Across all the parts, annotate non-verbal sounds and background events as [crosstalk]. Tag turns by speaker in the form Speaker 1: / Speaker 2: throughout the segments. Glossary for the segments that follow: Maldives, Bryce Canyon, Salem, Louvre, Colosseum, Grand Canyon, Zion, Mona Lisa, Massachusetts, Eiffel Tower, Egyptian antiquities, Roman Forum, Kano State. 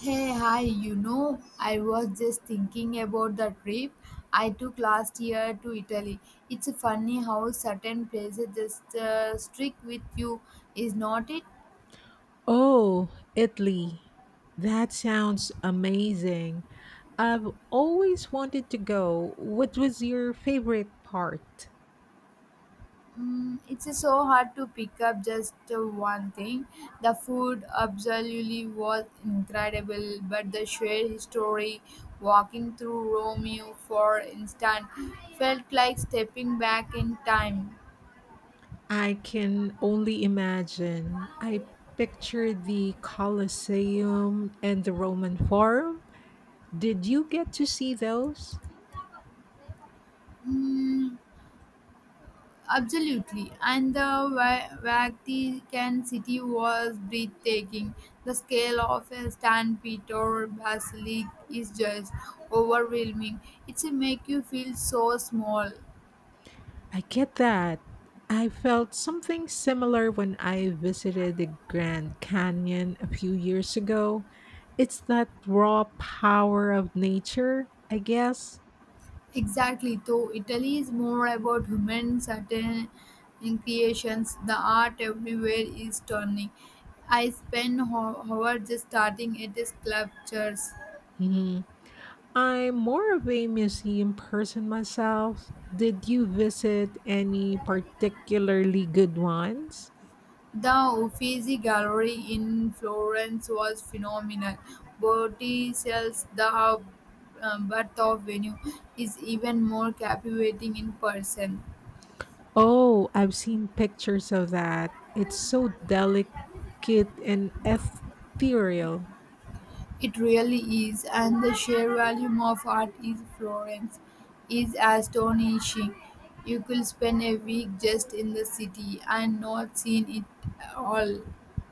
Speaker 1: Hey, hi, you know, I was just thinking about the trip I took last year to Italy. It's funny how certain places just stick with you, is not it?
Speaker 2: Oh, Italy. That sounds amazing. I've always wanted to go. What was your favorite part?
Speaker 1: Mm, it's so hard to pick up just one thing. The food absolutely was incredible, but the shared history, walking through Romeo for instance, felt like stepping back in time.
Speaker 2: I can only imagine. I picture the Colosseum and the Roman Forum. Did you get to see those?
Speaker 1: Mm, absolutely. And the Vatican City was breathtaking. The scale of a San Peter Basilica is just overwhelming. It's a make you feel so small.
Speaker 2: I get that. I felt something similar when I visited the Grand Canyon a few years ago. It's that raw power of nature, I guess.
Speaker 1: Exactly. Though Italy is more about human certain in creations, the art everywhere is stunning. I spent hours just starting at the sculptures.
Speaker 2: Mhm. I'm more of a museum person myself. Did you visit any particularly good ones?
Speaker 1: The Uffizi Gallery in Florence was phenomenal. Botticelli's The Birth of Venue is even more captivating in person.
Speaker 2: Oh, I've seen pictures of that. It's so delicate and ethereal.
Speaker 1: It really is, and the sheer volume of art in Florence is astonishing. You could spend a week just in the city and not seen it all.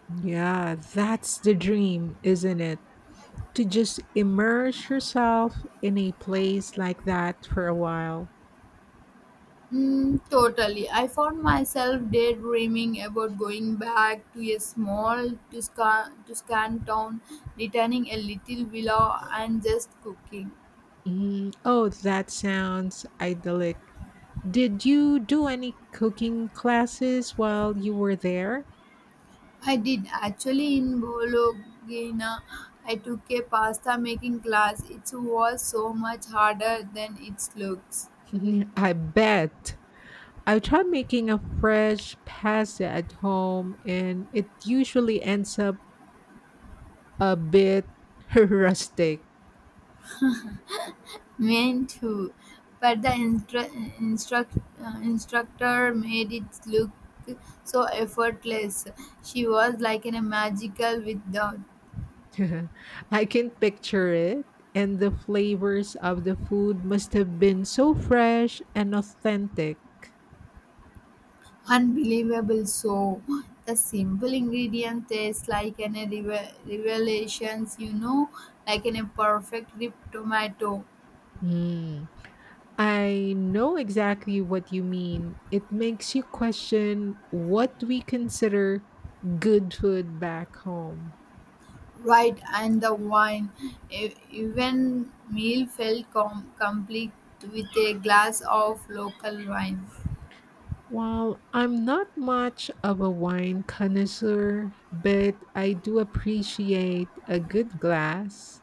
Speaker 2: Yeah, that's the dream, isn't it? To just immerse yourself in a place like that for a while.
Speaker 1: Mm, totally. I found myself daydreaming about going back to a small Tuscan town, returning a little villa, and just cooking.
Speaker 2: Oh, that sounds idyllic. Did you do any cooking classes while you were there?
Speaker 1: I did actually in Bologna. I took a pasta making class. It was so much harder than it looks.
Speaker 2: [laughs] I bet. I tried making a fresh pasta at home and it usually ends up a bit [laughs] rustic.
Speaker 1: Meant to, but the instructor made it look so effortless. She was like in a magical without
Speaker 2: [laughs] I can picture it. And the flavors of the food must have been so fresh and authentic.
Speaker 1: unbelievable. So the simple ingredient tastes like an a revelations. You know, like in a perfect ripped tomato.
Speaker 2: Hmm. I know exactly what you mean. It makes you question what we consider good food back home.
Speaker 1: Right, and the wine. Even meal felt complete with a glass of local wine.
Speaker 2: Well, I'm not much of a wine connoisseur, but I do appreciate a good glass.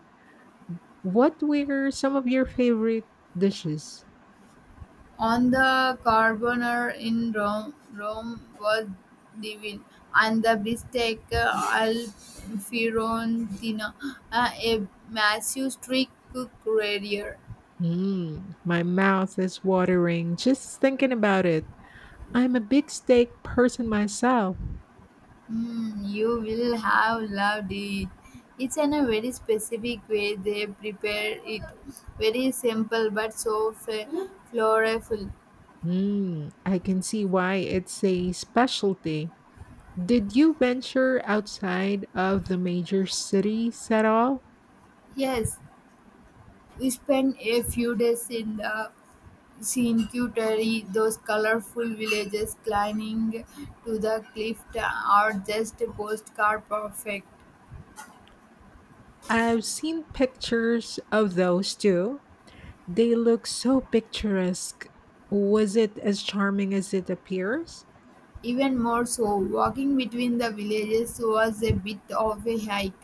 Speaker 2: What were some of your favorite dishes?
Speaker 1: On the carbonara in Rome was divine, and the bistec al fiorentina, a massive street cook career.
Speaker 2: Mm, my mouth is watering just thinking about it. I'm a big steak person myself.
Speaker 1: Mm, you will have loved it. It's in a very specific way they prepare it. Very simple but so flavorful.
Speaker 2: Mm, I can see why it's a specialty. Did you venture outside of the major cities at all?
Speaker 1: Yes, we spent a few days in the Cinque, those colorful villages climbing to the cliff are just postcard perfect.
Speaker 2: I've seen pictures of those too. They look so picturesque. Was it as charming as it appears?
Speaker 1: Even more so, walking between the villages was a bit of a hike,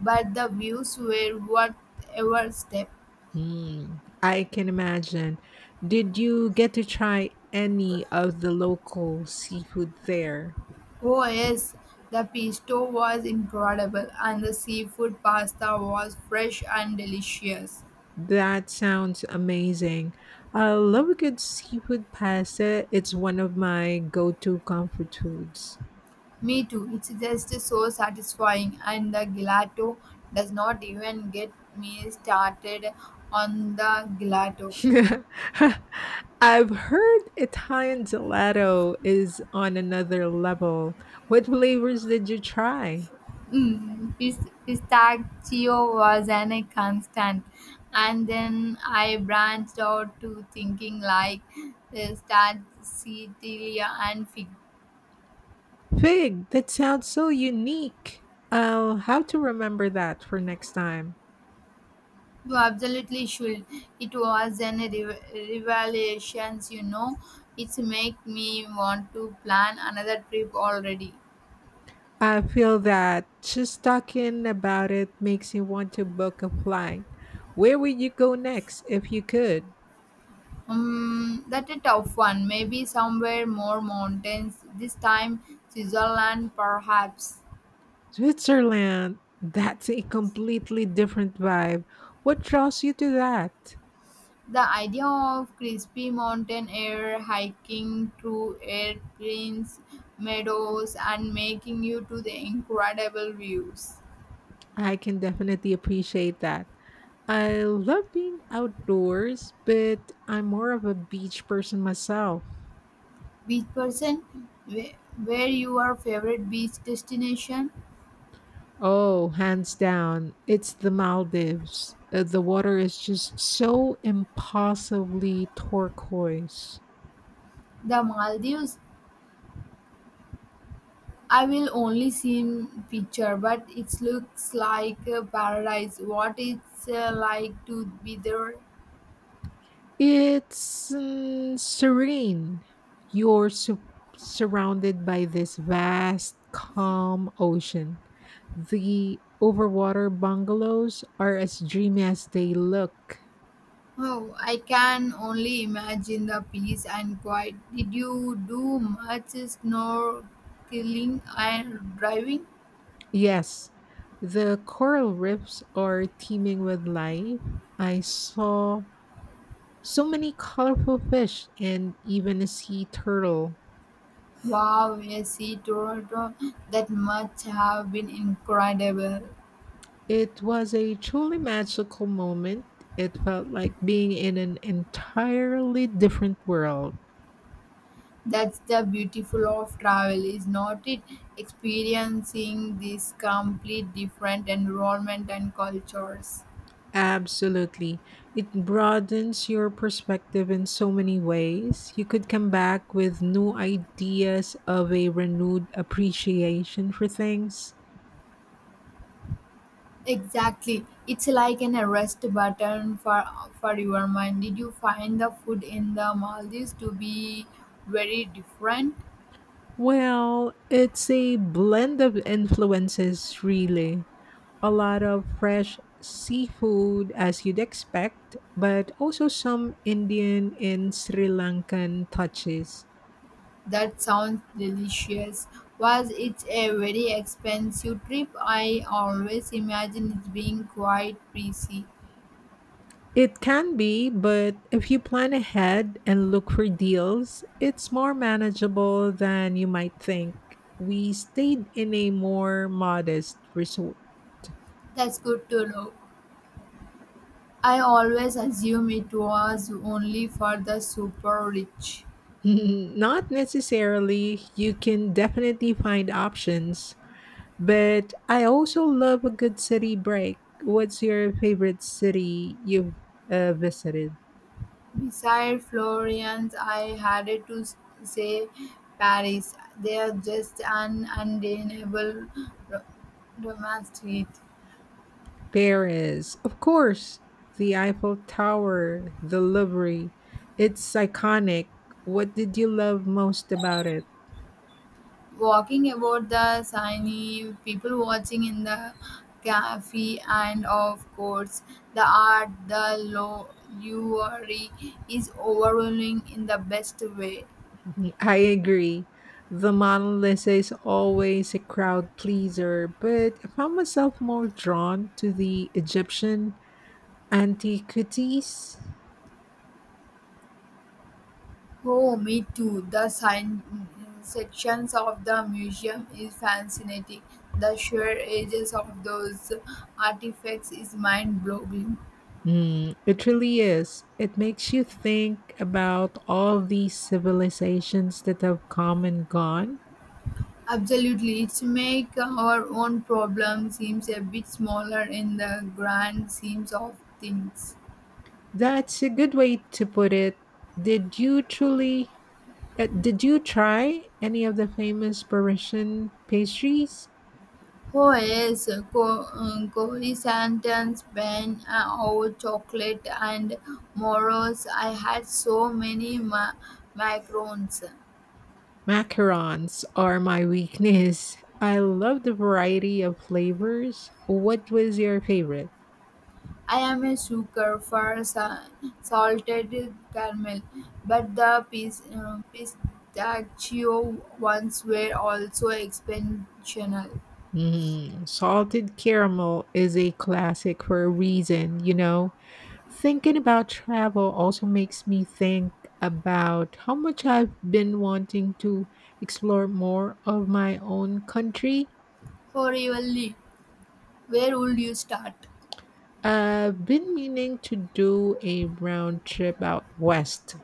Speaker 1: but the views were worth every step.
Speaker 2: Hmm, I can imagine. Did you get to try any of the local seafood there?
Speaker 1: Oh yes, the pesto was incredible and the seafood pasta was fresh and delicious.
Speaker 2: That sounds amazing. I love a good seafood pasta. It's one of my go to comfort foods.
Speaker 1: Me too. It's just so satisfying, and the gelato does not even get me started on the gelato.
Speaker 2: [laughs] I've heard Italian gelato is on another level. What flavors did you try?
Speaker 1: Mm, pistachio was an a constant, and then I branched out to thinking like Stracciatella and fig.
Speaker 2: Fig, that sounds so unique. I'll have to remember that for next time.
Speaker 1: You absolutely should. It was an revelations, you know. It's make me want to plan another trip already.
Speaker 2: I feel that just talking about it makes me want to book a flight. Where would you go next if you could?
Speaker 1: That's a tough one. Maybe somewhere more mountains. This time, Switzerland, perhaps.
Speaker 2: Switzerland. That's a completely different vibe. What draws you to that?
Speaker 1: The idea of crispy mountain air, hiking through airplanes, meadows, and making you to the incredible views.
Speaker 2: I can definitely appreciate that. I love being outdoors, but I'm more of a beach person myself.
Speaker 1: Beach person, where where your favorite beach destination?
Speaker 2: Oh, hands down, it's the Maldives. The water is just so impossibly turquoise.
Speaker 1: The Maldives I will only seen picture, but it looks like a paradise. What it's like to be there?
Speaker 2: It's serene. You're su- surrounded by this vast, calm ocean. The overwater bungalows are as dreamy as they look.
Speaker 1: Oh, I can only imagine the peace and quiet. Did you do much snorkeling and driving?
Speaker 2: Yes, the coral reefs are teeming with life. I saw so many colorful fish and even a sea turtle.
Speaker 1: Wow, I see Toronto. That must have been incredible.
Speaker 2: It was a truly magical moment. It felt like being in an entirely different world.
Speaker 1: That's the beautiful of travel, is not it? Experiencing this complete different environment and cultures.
Speaker 2: Absolutely. It broadens your perspective in so many ways. You could come back with new ideas of a renewed appreciation for things.
Speaker 1: Exactly. It's like an arrest button for your mind. Did you find the food in the Maldives to be very different?
Speaker 2: Well, it's a blend of influences, really. A lot of fresh seafood, as you'd expect, but also some Indian and Sri Lankan touches.
Speaker 1: That sounds delicious. Was it a very expensive trip? I always imagine it being quite pricey.
Speaker 2: It can be, but if you plan ahead and look for deals, it's more manageable than you might think. We stayed in a more modest resort.
Speaker 1: That's good to know. I always assume it was only for the super rich.
Speaker 2: [laughs] Not necessarily, you can definitely find options. But I also love a good city break. What's your favorite city you've visited?
Speaker 1: Beside Florence, I had to say Paris. They are just an undeniable ro- romance to
Speaker 2: Paris, of course. The Eiffel Tower, the Louvre. It's iconic. What did you love most about it?
Speaker 1: walking about the Seine, people watching in the cafe, and of course, the art, the luxury is overwhelming in the best way.
Speaker 2: I agree. The Mona Lisa is always a crowd pleaser, but I found myself more drawn to the Egyptian antiquities.
Speaker 1: Oh, me too. The science sections of the museum is fascinating. The sheer ages of those artifacts is mind-boggling.
Speaker 2: Mm, it really is. It makes you think about all these civilizations that have come and gone.
Speaker 1: Absolutely, it make our own problem seems a bit smaller in the grand schemes of things.
Speaker 2: That's a good way to put it. Did you truly, did you try any of the famous Parisian pastries?
Speaker 1: Oh yes, Cory Santan's Ben our chocolate and Moros. I had so many macarons.
Speaker 2: Macarons are my [laughs] weakness. I love the variety of flavors. What was your favorite?
Speaker 1: I am a sucker for salted caramel, but the pistachio ones were also exceptional.
Speaker 2: Mm, salted caramel is a classic for a reason, Thinking about travel also makes me think about how much I've been wanting to explore more of my own country.
Speaker 1: For Evenly, where would you start?
Speaker 2: I've been meaning to do a round trip out west,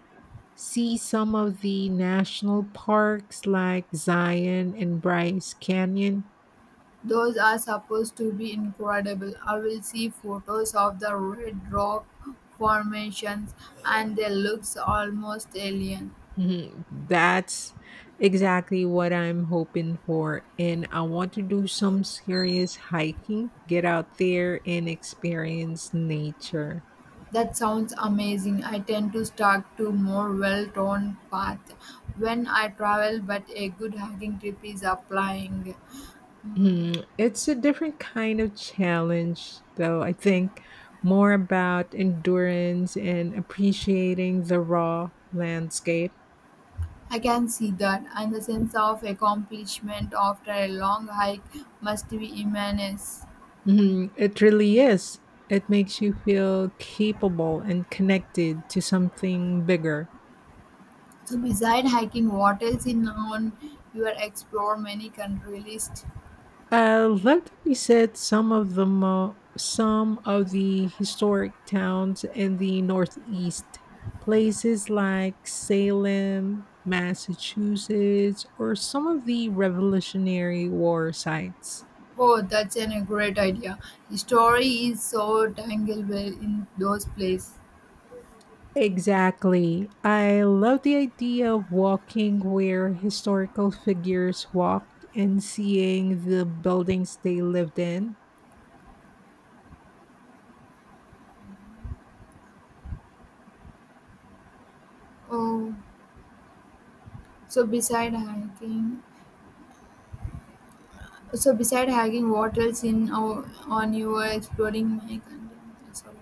Speaker 2: see some of the national parks like Zion and Bryce Canyon.
Speaker 1: Those are supposed to be incredible. I will see photos of the red rock formations and they look almost alien.
Speaker 2: Mhm. That's exactly what I'm hoping for. And I want to do some serious hiking, get out there and experience nature.
Speaker 1: That sounds amazing. I tend to stick to more well-worn path when I travel, but a good hiking trip is applying.
Speaker 2: Mhm. It's a different kind of challenge, though. I think more about endurance and appreciating the raw landscape.
Speaker 1: I can see that, and the sense of accomplishment after a long hike must be immense.
Speaker 2: Mhm. It really is. It makes you feel capable and connected to something bigger.
Speaker 1: So, beside hiking, what else in on your explore many country list?
Speaker 2: Let me set some of some of the historic towns in the Northeast, places like Salem, Massachusetts, or some of the Revolutionary War sites.
Speaker 1: Oh, that's an, a great idea. The story is so tangled well in those places.
Speaker 2: Exactly. I love the idea of walking where historical figures walked and seeing the buildings they lived in.
Speaker 1: Oh, so beside hiking. So beside hacking, what else in our, on you are exploring my country? Sorry,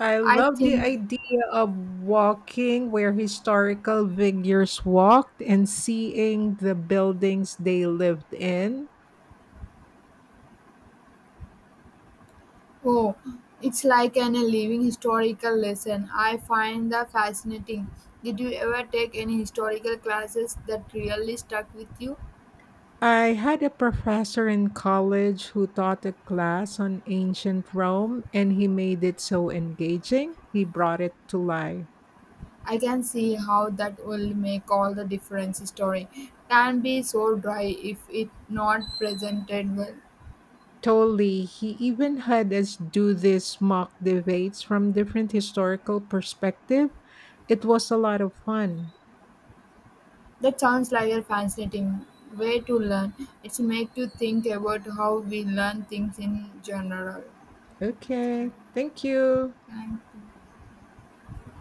Speaker 2: I
Speaker 1: I
Speaker 2: love the
Speaker 1: think
Speaker 2: idea of walking where historical figures walked and seeing the buildings they lived in.
Speaker 1: oh, it's like an a living historical lesson. I find that fascinating. Did you ever take any historical classes that really stuck with you?
Speaker 2: I had a professor in college who taught a class on ancient Rome and he made it so engaging. He brought it to life.
Speaker 1: I can see how that will make all the difference. Story can be so dry if it not presented well.
Speaker 2: Totally. He even had us do these mock debates from different historical perspective. It was a lot of fun.
Speaker 1: That sounds like a fascinating way to learn. It makes you think about how we learn things in general.
Speaker 2: Okay. Thank you.
Speaker 1: Thank you.